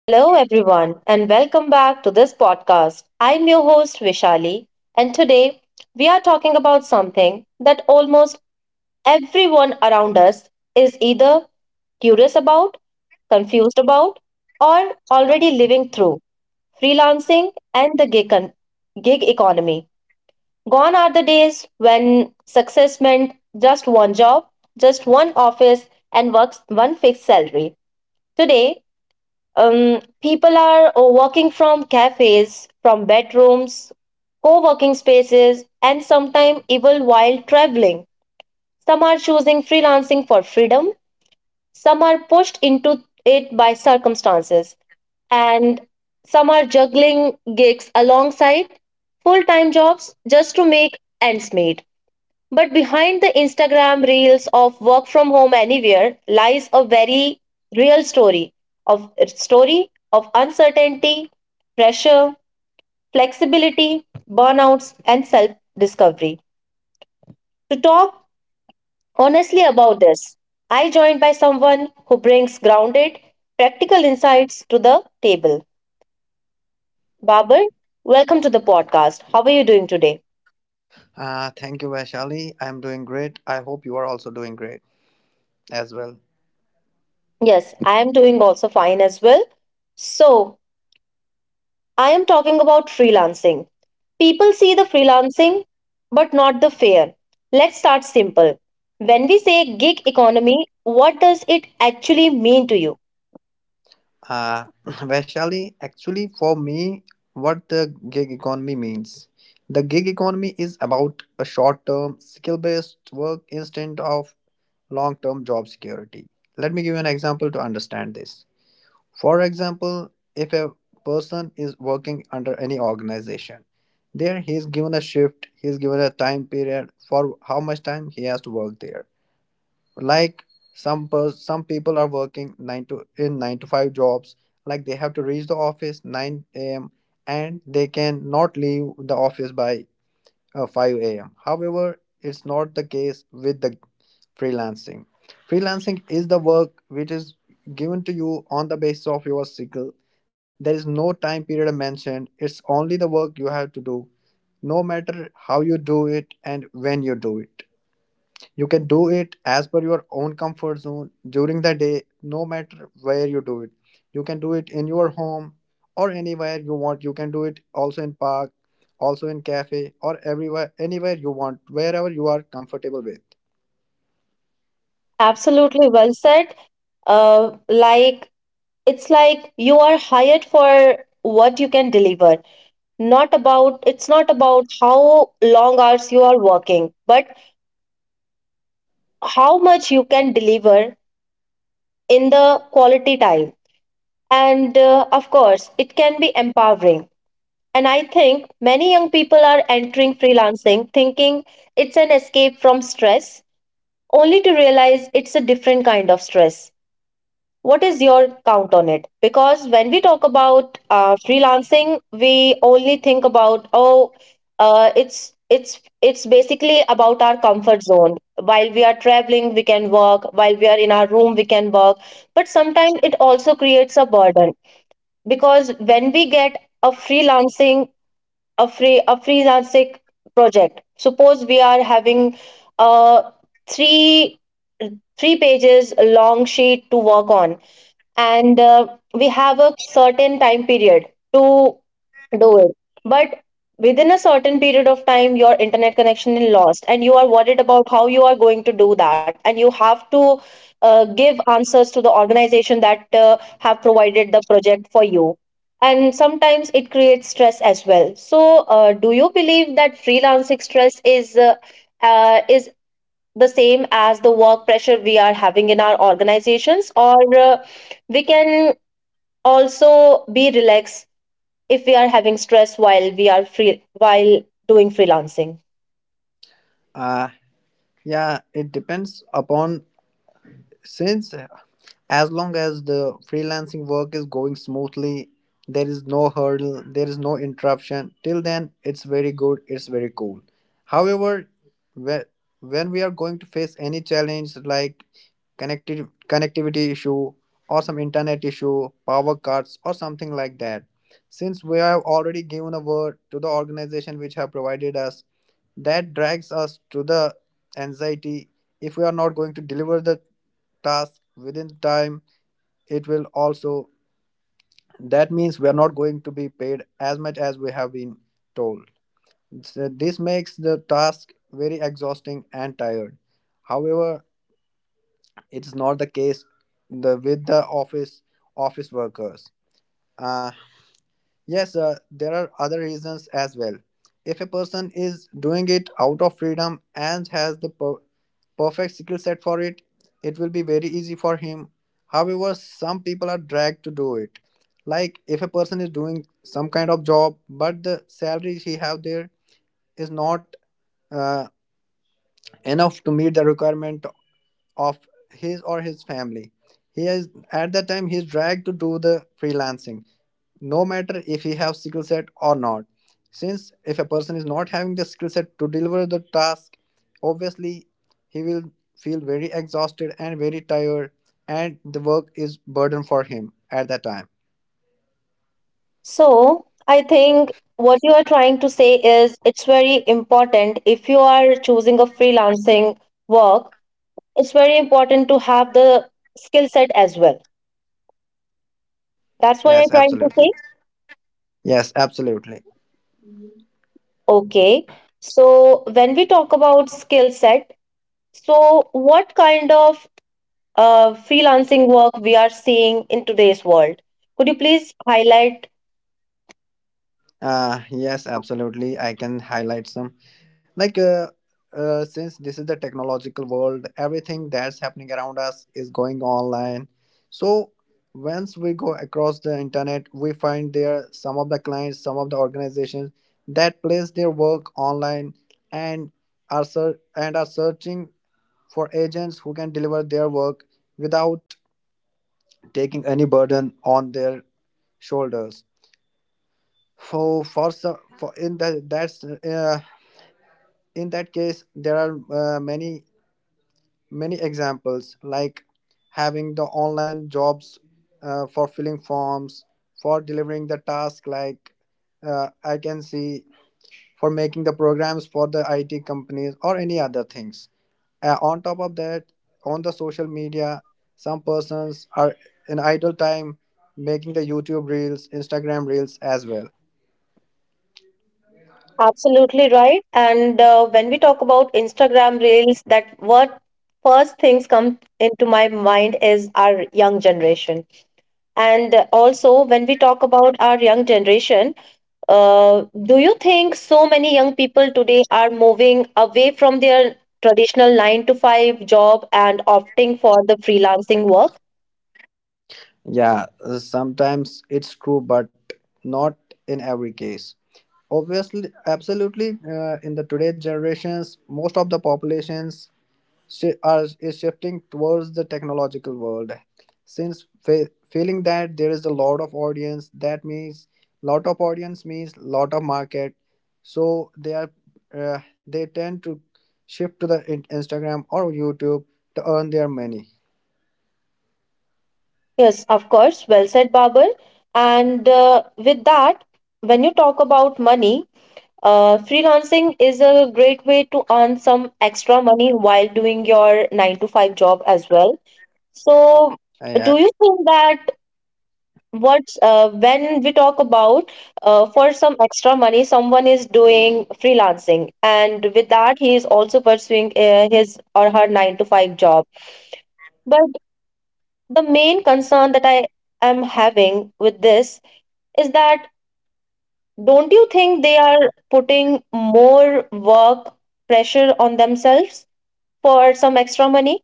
Hello, everyone, and welcome back to this podcast. I'm your host, Vishali, and today we are talking about something that almost everyone around us is either curious about, confused about, or already living through freelancing and the gig economy. Gone are the days when success meant just one job, just one office, and works one fixed salary. Today, people are working from cafes, from bedrooms, co working spaces, and sometimes even while traveling. Some are choosing freelancing for freedom, some are pushed into it by circumstances, and some are juggling gigs alongside full time jobs just to make ends meet. But behind the Instagram reels of work from home anywhere lies a very real story of uncertainty, pressure, flexibility, burnouts and self-discovery. To talk honestly about this, I joined by someone who brings grounded, practical insights to the table. Babar, welcome to the podcast. How are you doing today? Thank you, Vaishali. I'm doing great. I hope you are also doing great as well. Yes, I am doing also fine as well. So, I am talking about freelancing. People see the freelancing, but not the fair. Let's start simple. When we say gig economy, what does it actually mean to you? Vaishali, actually, for me, what the gig economy means. The gig economy is about a short term, skill based work instead of long term job security. Let me give you an example to understand this. For example, if a person is working under any organization, there he is given a shift, he is given a time period for how much time he has to work there, like some people are working 9 to 5 jobs, like they have to reach the office 9 a.m. and they can not leave the office by 5 a.m. However, it's not the case with the freelancing freelancing is the work which is given to you on the basis of your skill. There is no time period mentioned, it's only the work you have to do, no matter how you do it and when you do it. You can do it as per your own comfort zone during the day, no matter where you do it. You can do it in your home or anywhere you want. You can do it also in park, also in cafe or everywhere, anywhere you want, wherever you are comfortable with. Absolutely well said. Like, it's like you are hired for what you can deliver. Not about, It's not about how long hours you are working, but how much you can deliver in the quality time. And of course, it can be empowering. And I think many young people are entering freelancing thinking it's an escape from stress, only to realize it's a different kind of stress. What is your count on it? Because when we talk about freelancing, we only think about, oh, it's basically about our comfort zone. While we are traveling, we can work. While we are in our room, we can work. But sometimes it also creates a burden because when we get a freelancing a freelancing project. Suppose we are having a three three pages long sheet to work on, and we have a certain time period to do it, but within a certain period of time your internet connection is lost and you are worried about how you are going to do that, and you have to give answers to the organization that have provided the project for you, and sometimes it creates stress as well. So do you believe that freelancing stress is the same as the work pressure we are having in our organizations, or we can also be relaxed if we are having stress while we are free while doing freelancing? Uh, yeah, it depends upon, since as long as the freelancing work is going smoothly, there is no hurdle, there is no interruption, till then it's very good, it's very cool. However, whe- when we are going to face any challenge like connectivity issue or some internet issue, power cuts or something like that, since we have already given a word to the organization which have provided us, that drags us to the anxiety. If we are not going to deliver the task within time, it will also, that means we are not going to be paid as much as we have been told. So this makes the task very exhausting and tired. However, it's not the case the with the office workers. uh, yes, there are other reasons as well. If a person is doing it out of freedom and has the perfect skill set for it, it will be very easy for him. However, some people are dragged to do it. Like if a person is doing some kind of job, but the salary he have there is not uh, enough to meet the requirement of his or his family. He is, at that time he is dragged to do the freelancing, no matter if he have skill set or not. Since if a person is not having the skill set to deliver the task, obviously he will feel very exhausted and very tired, and the work is burden for him at that time. So I think what you are trying to say is it's very important, if you are choosing a freelancing work, it's very important to have the skill set as well. That's what Yes, I'm trying to say. absolutely. Yes, absolutely. Okay. So when we talk about skill set, so what kind of freelancing work we are seeing in today's world? Could you please highlight? Yes, absolutely. I can highlight some. Like, since this is the technological world, everything that's happening around us is going online. So, once we go across the internet, we find there some of the clients, some of the organizations that place their work online and and are searching for agents who can deliver their work without taking any burden on their shoulders. For, so- for in the, that's In that case there are many many examples like having the online jobs, for filling forms, for delivering the task, like, uh, I can see, for making the programs for the IT companies or any other things. On top of that, on the social media, some persons are in idle time making the YouTube reels, Instagram reels as well. Absolutely right. And when we talk about Instagram Reels, that what first things come into my mind is our young generation. And also, when we talk about our young generation, do you think so many young people today are moving away from their traditional nine to five job and opting for the freelancing work? Yeah, sometimes it's true, but not in every case. Obviously, absolutely, in the today's generations most of the populations shi are is shifting towards the technological world, since feeling that there is a lot of audience, that means lot of audience means lot of market. So they are, they tend to shift to the Instagram or YouTube to earn their money. Yes, of course. Well said, Babar. And with that, when you talk about money, freelancing is a great way to earn some extra money while doing your nine to five job as well. So, Yeah. do you think that what's when we talk about, for some extra money, someone is doing freelancing, and with that, he is also pursuing his or her nine to five job. But the main concern that I am having with this is that, don't you think they are putting more work pressure on themselves for some extra money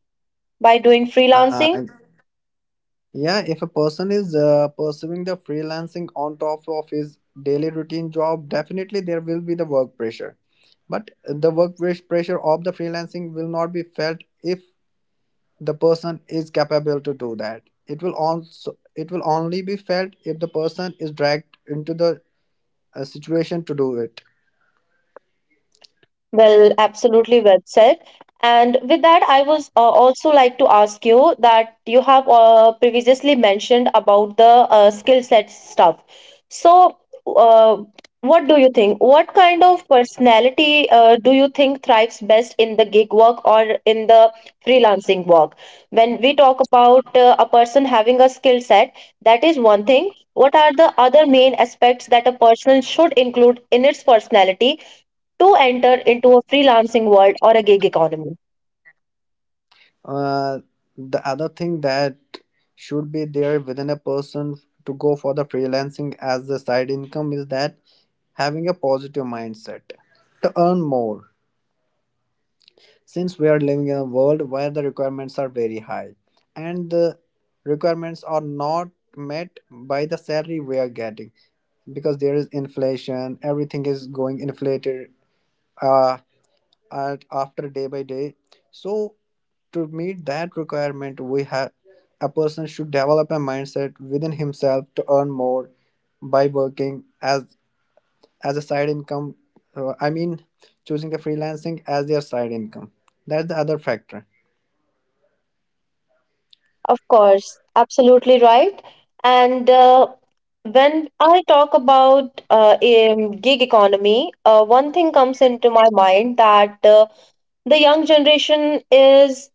by doing Uh, freelancing? Yeah, if a person is pursuing the freelancing on top of his daily routine job, definitely there will be the work pressure. But the work pressure of the freelancing will not be felt if the person is capable to do that. It will only be felt if the person is dragged into the situation to do it. Well, absolutely well said. And with that, I was also like to ask you that you have previously mentioned about the skill set stuff. So, uh, what do you think? What kind of personality do you think thrives best in the gig work or in the freelancing work? When we talk about a person having a skill set, that is one thing. What are the other main aspects that a person should include in its personality to enter into a freelancing world or a gig economy? Uh, the other thing that should be there within a person to go for the freelancing as a side income is that having a positive mindset to earn more, since we are living in a world where the requirements are very high, and the requirements are not met by the salary we are getting, because there is inflation, everything is going inflated uh, at after day by day. So to meet that requirement, we have a person should develop a mindset within himself to earn more by working as a side income. I mean, choosing the freelancing as their side income. That's the other factor. Of course, absolutely right. And when I talk about gig economy, one thing comes into my mind, that the young generation is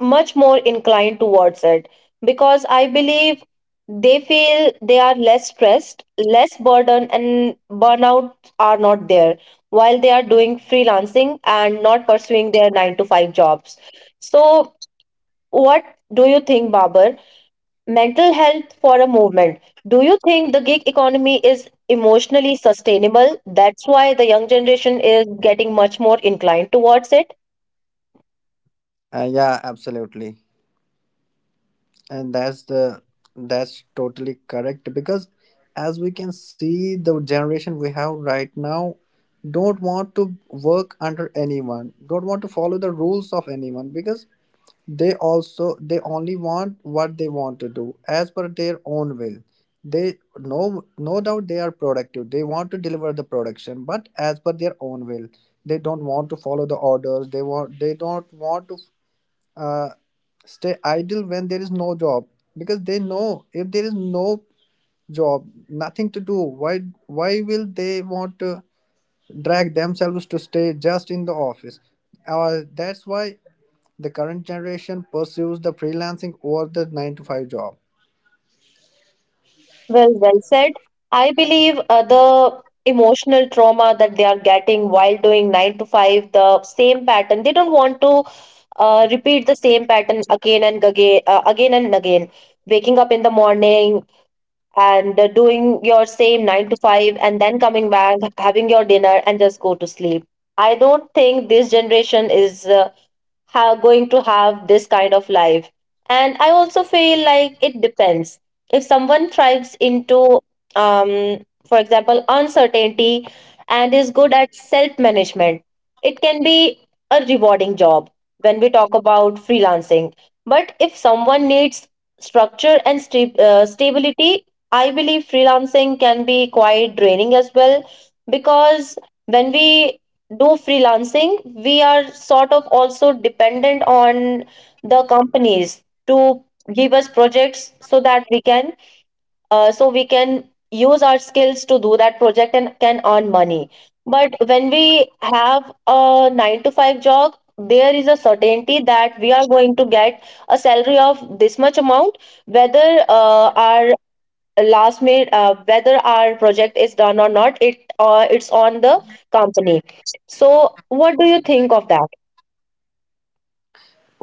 much more inclined towards it because I believe they feel they are less stressed, less burdened, and burnout are not there while they are doing freelancing and not pursuing their nine to five jobs. So, what do you think, Babar? Mental health for a movement. Do you think the gig economy is emotionally sustainable? That's why the young generation is getting much more inclined towards it. Yeah, absolutely, and that's the that's totally correct. Because as we can see, the generation we have right now don't want to work under anyone, don't want to follow the rules of anyone, because they only want what they want to do as per their own will. They, no, no doubt they are productive, they want to deliver the production, but as per their own will. They don't want to follow the orders, they don't want to uh, stay idle when there is no job, because they know if there is no job, nothing to do, why will they want to drag themselves to stay just in the office. That's why the current generation pursues the freelancing or the 9 to 5 job. Well, well said. I believe the emotional trauma that they are getting while doing nine to five, the same pattern, they don't want to repeat the same pattern again and again, again and again. Waking up in the morning and doing your same nine to five, and then coming back, having your dinner, and just go to sleep. I don't think this generation is going to have this kind of life, and I also feel like it depends. If someone thrives into, um, for example, uncertainty, and is good at self management, it can be a rewarding job when we talk about freelancing. But if someone needs structure and stability, I believe freelancing can be quite draining as well, because when we do freelancing, we are sort of also dependent on the companies to give us projects, so we can use our skills to do that project and can earn money. But when we have a nine to five job, there is a certainty that we are going to get a salary of this much amount, whether our last minute whether our project is done or not, it's on the company. So what do you think of that?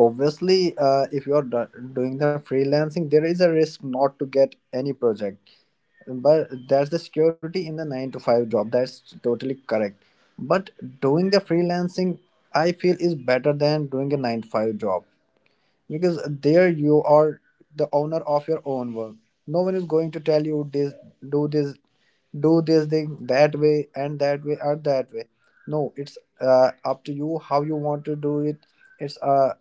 Obviously, if doing the freelancing, there is a risk not to get any project. But that's the security in the 9 to 5 job. That's totally correct. But doing the freelancing, I feel, is better than doing a 9 to 5 job, because there you are the owner of your own work. No one is going to tell you this, do this, do this thing that way and that way or that way. No, it's up to you how you want to do it. it's uh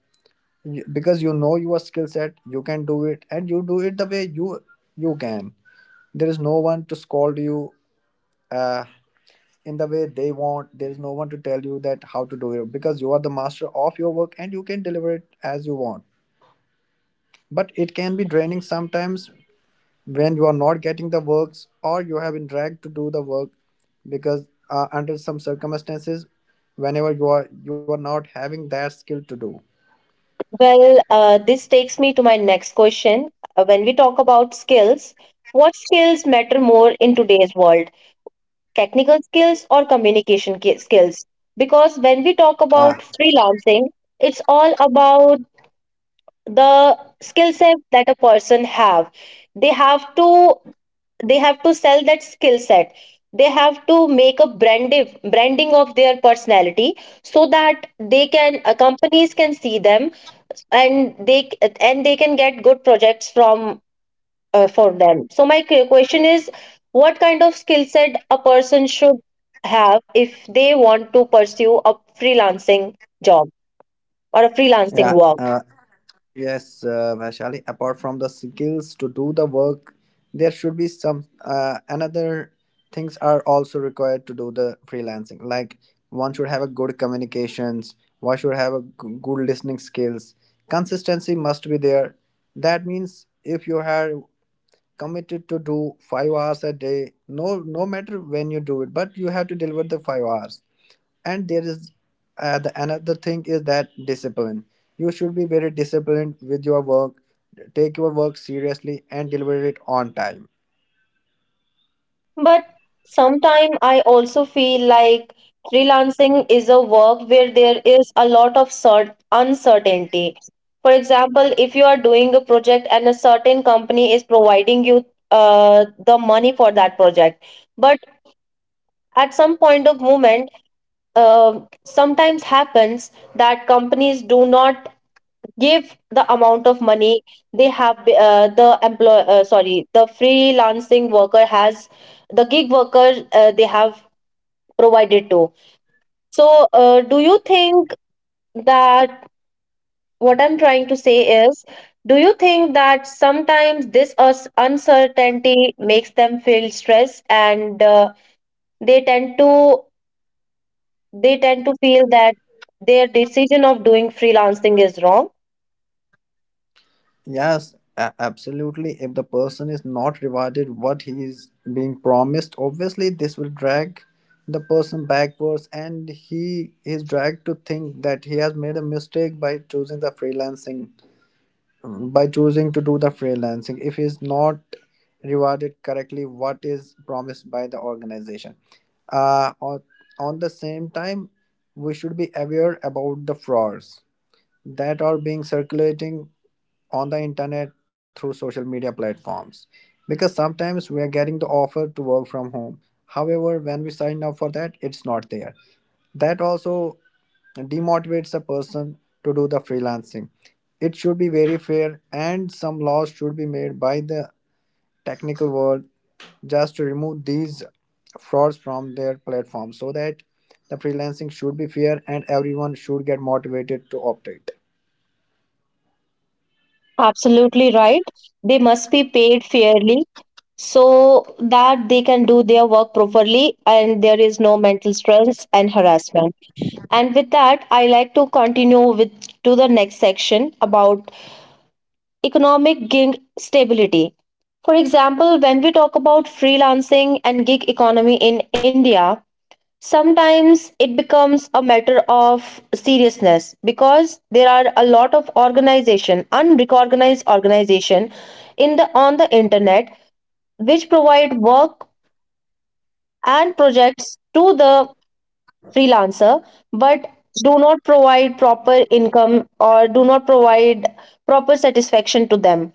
because you know your skill set, you can do it and you do it the way you can. There is no one to scold you uh, in the way they want, there is no one to tell you that how to do it, because you are the master of your work and you can deliver it as you want. But it can be draining sometimes, when you are not getting the works or you have been dragged to do the work, because under some circumstances, whenever you are not having that skill to do. Well, this takes me to my next question. When we talk about skills, what skills matter more in today's world, technical skills or communication skills? Because when we talk ah about freelancing, it's all about the skill set that a person have. They have to they have to sell that skill set. They have to make a branding of their personality so that they can, companies can see them, and they and they can get good projects from for them. So my question is, what kind of skill set a person should have if they want to pursue a freelancing job or a freelancing yeah. work? Yes, Vaishali, apart from the skills to do the work, there should be some another things are also required to do the freelancing. Like one should have a good communications, one should have a good listening skills. Consistency must be there. That means if you are committed to do 5 hours a day, no matter when you do it, but you have to deliver the 5 hours. And there is the another thing is that discipline. You should be very disciplined with your work, take your work seriously and deliver it on time. But sometimes I also feel like freelancing is a work where there is a lot of uncertainty. For example, if you are doing a project and a certain company is providing you the money for that project, but at some point of moment, sometimes happens that companies do not give the amount of money they have, the employ sorry the freelancing worker has, the gig worker, they have provided to. So, do you think that, what I'm trying to say is, do you think that sometimes this uncertainty makes them feel stress, and they tend to they tend to feel that their decision of doing freelancing is wrong? Yes, absolutely. If the person is not rewarded what he is being promised, obviously this will drag the person backwards, and he is dragged to think that he has made a mistake by choosing the freelancing, by choosing to do the freelancing, if he's not rewarded correctly what is promised by the organization. uh, on, on the same time, we should be aware about the frauds that are being circulating on the internet through social media platforms, because sometimes we are getting the offer to work from home, however when we sign up for that it's not there. That also demotivates a person to do the freelancing. It should be very fair and some laws should be made by the technical world just to remove these frauds from their platform, so that the freelancing should be fair and everyone should get motivated to operate. Absolutely right. They must be paid fairly so that they can do their work properly and there is no mental stress and harassment. And with that, I like to continue with to the next section about economic gig stability. For example, when we talk about freelancing and gig economy in India, sometimes it becomes a matter of seriousness because there are a lot of organization, unrecognized organization, in the on the internet, which provide work and projects to the freelancer, but do not provide proper income or do not provide proper satisfaction to them,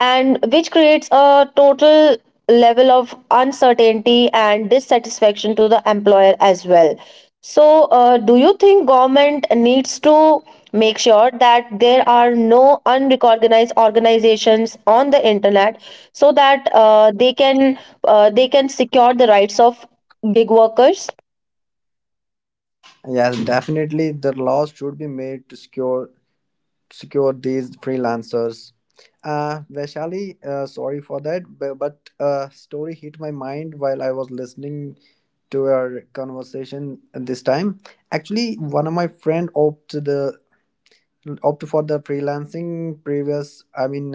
and which creates a total level of uncertainty and dissatisfaction to the employer as well. So do you think government needs to make sure that there are no unrecognized organizations on the internet, so that they can secure the rights of gig workers? Yes, definitely the laws should be made to secure these freelancers. Vaishali, sorry for that, but a story hit my mind while I was listening to our conversation this time. Actually, one of my friend opt for the freelancing previous, I mean,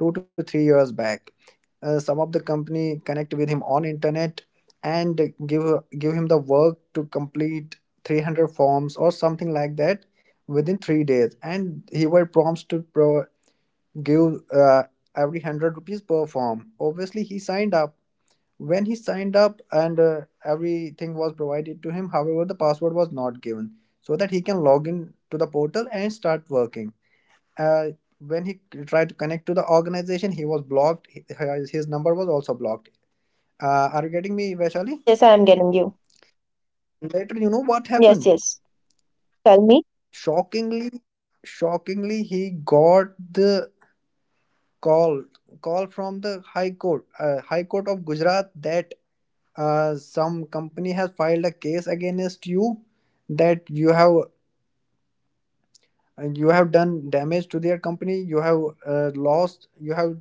2 to 3 years back. Some of the company connect with him on internet and give give him the work to complete 300 forms or something like that within 3 days, and he were prompts to give uh, every 100 rupees per form. Obviously he signed up. When he signed up, and everything was provided to him, however the password was not given so that he can log in to the portal and start working. uh, when he tried to connect to the organization, he was blocked. His number was also blocked. Are you getting me, Vaishali? Yes, yes, I am getting you. Later, you know what Yes, happened? yes. Tell me. Shockingly, shockingly, he got the call call from the High Court, High Court of Gujarat, that some company has filed a case against you, that you have done damage to their company, you have uh, lost you have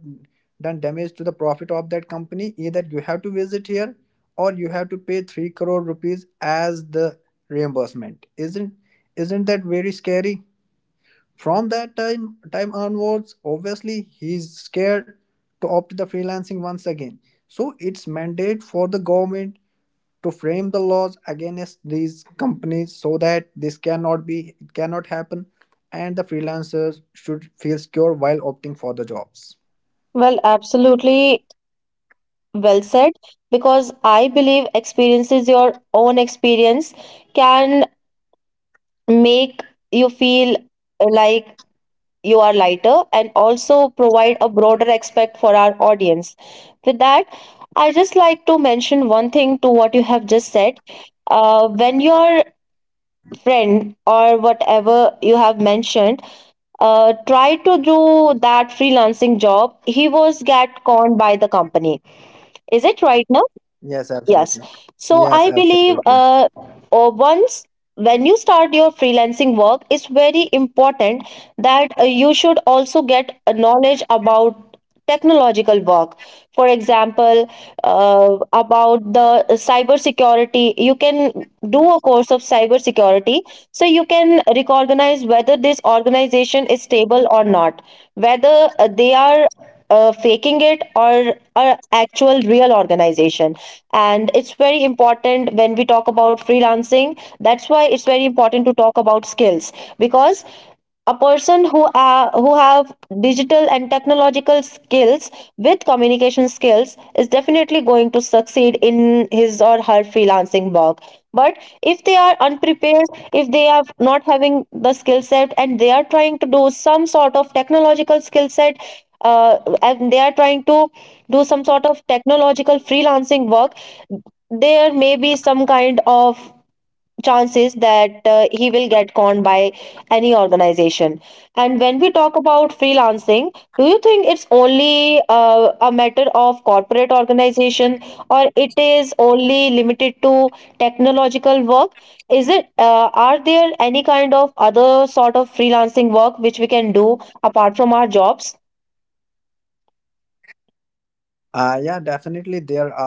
done damage to the profit of that company. Either you have to visit here or you have to pay 3 crore rupees as the reimbursement. Isn't that very scary? From that time onwards, obviously he's scared to opt the freelancing once again. So it's mandate for the government to frame the laws against these companies so that this cannot be it cannot happen, and the freelancers should feel secure while opting for the jobs. Well, absolutely well said, because I believe experiences, your own experience, can make you feel like you are lighter and also provide a broader aspect for our audience. With that, I just like to mention one thing to what you have just said. When your friend, or whatever you have mentioned, tried to do that freelancing job, he was get conned by the company. Is it right now? Yes, Yes. absolutely. So Yes, I believe, absolutely. Once when you start your freelancing work, it's very important that you should also get a knowledge about technological work. For example, about the cybersecurity, you can do a course of cybersecurity so you can recognize whether this organization is stable or not, whether they are faking it or a actual real organization. And it's very important, when we talk about freelancing, that's why it's very important to talk about skills, because a person who are, who have digital and technological skills with communication skills, is definitely going to succeed in his or her freelancing work. But if they are unprepared, if they are not having the skill set, and they are trying to do some sort of technological skill set, uh, and they are trying to do some sort of technological freelancing work, there may be some kind of chances that he will get conned by any organization. And when we talk about freelancing, do you think it's only a matter of corporate organization, or it is only limited to technological work? Is it Are there any kind of other sort of freelancing work which we can do apart from our jobs? Yeah, definitely. There are, like,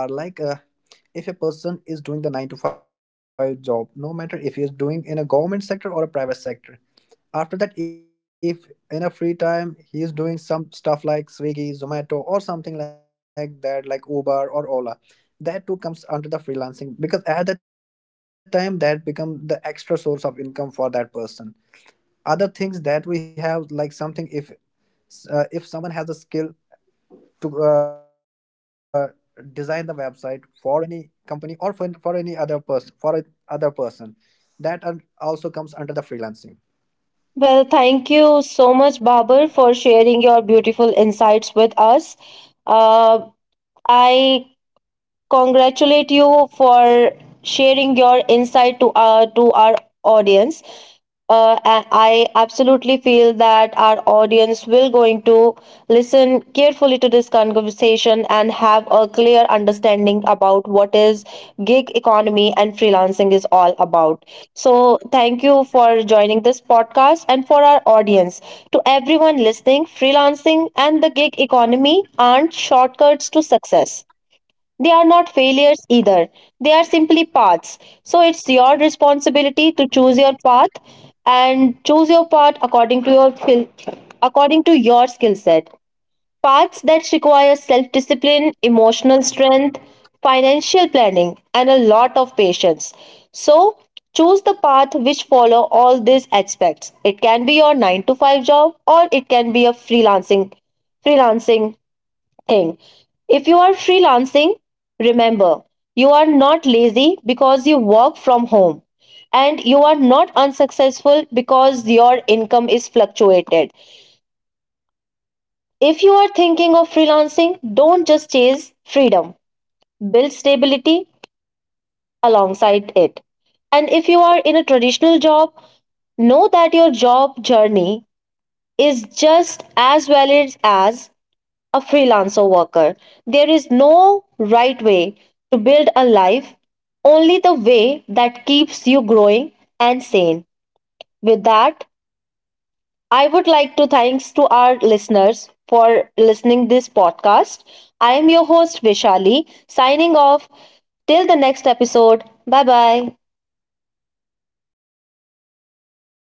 if a person is doing the 9 to 5 job, no matter if he is doing in a government sector or a private sector, after that, if in a free time he is doing some stuff like Swiggy, Zomato, or something like that, like Uber or Ola, that too comes under the freelancing, because at that time that become the extra source of income for that person. Other things that we have, like something if someone has the skill to uh, design the website for any company or for any other person for a other person, that also comes under the freelancing. Well, thank you so much, Babar, for sharing your beautiful insights with us. Uh, I congratulate you for sharing your insight to our audience. And I absolutely feel that our audience will going to listen carefully to this conversation and have a clear understanding about what is gig economy and freelancing is all about. So thank you for joining this podcast, and for our audience, to everyone listening, freelancing and the gig economy aren't shortcuts to success. They are not failures either. They are simply paths. So it's your responsibility to choose your path, and choose your path according to your skill set. Paths that require self-discipline, emotional strength, financial planning and a lot of patience. So choose the path which follow all these aspects. It can be your 9 to 5 job, or it can be a freelancing thing. If you are freelancing, remember, you are not lazy because you work from home, and you are not unsuccessful because your income is fluctuated. If you are thinking of freelancing, don't just chase freedom, build stability alongside it. And if you are in a traditional job, know that your job journey is just as valid as a freelancer worker. There is no right way to build a life, only the way that keeps you growing and sane. With that, I would like to thanks to our listeners for listening this podcast. I am your host Vishali, signing off till the next episode. Bye bye.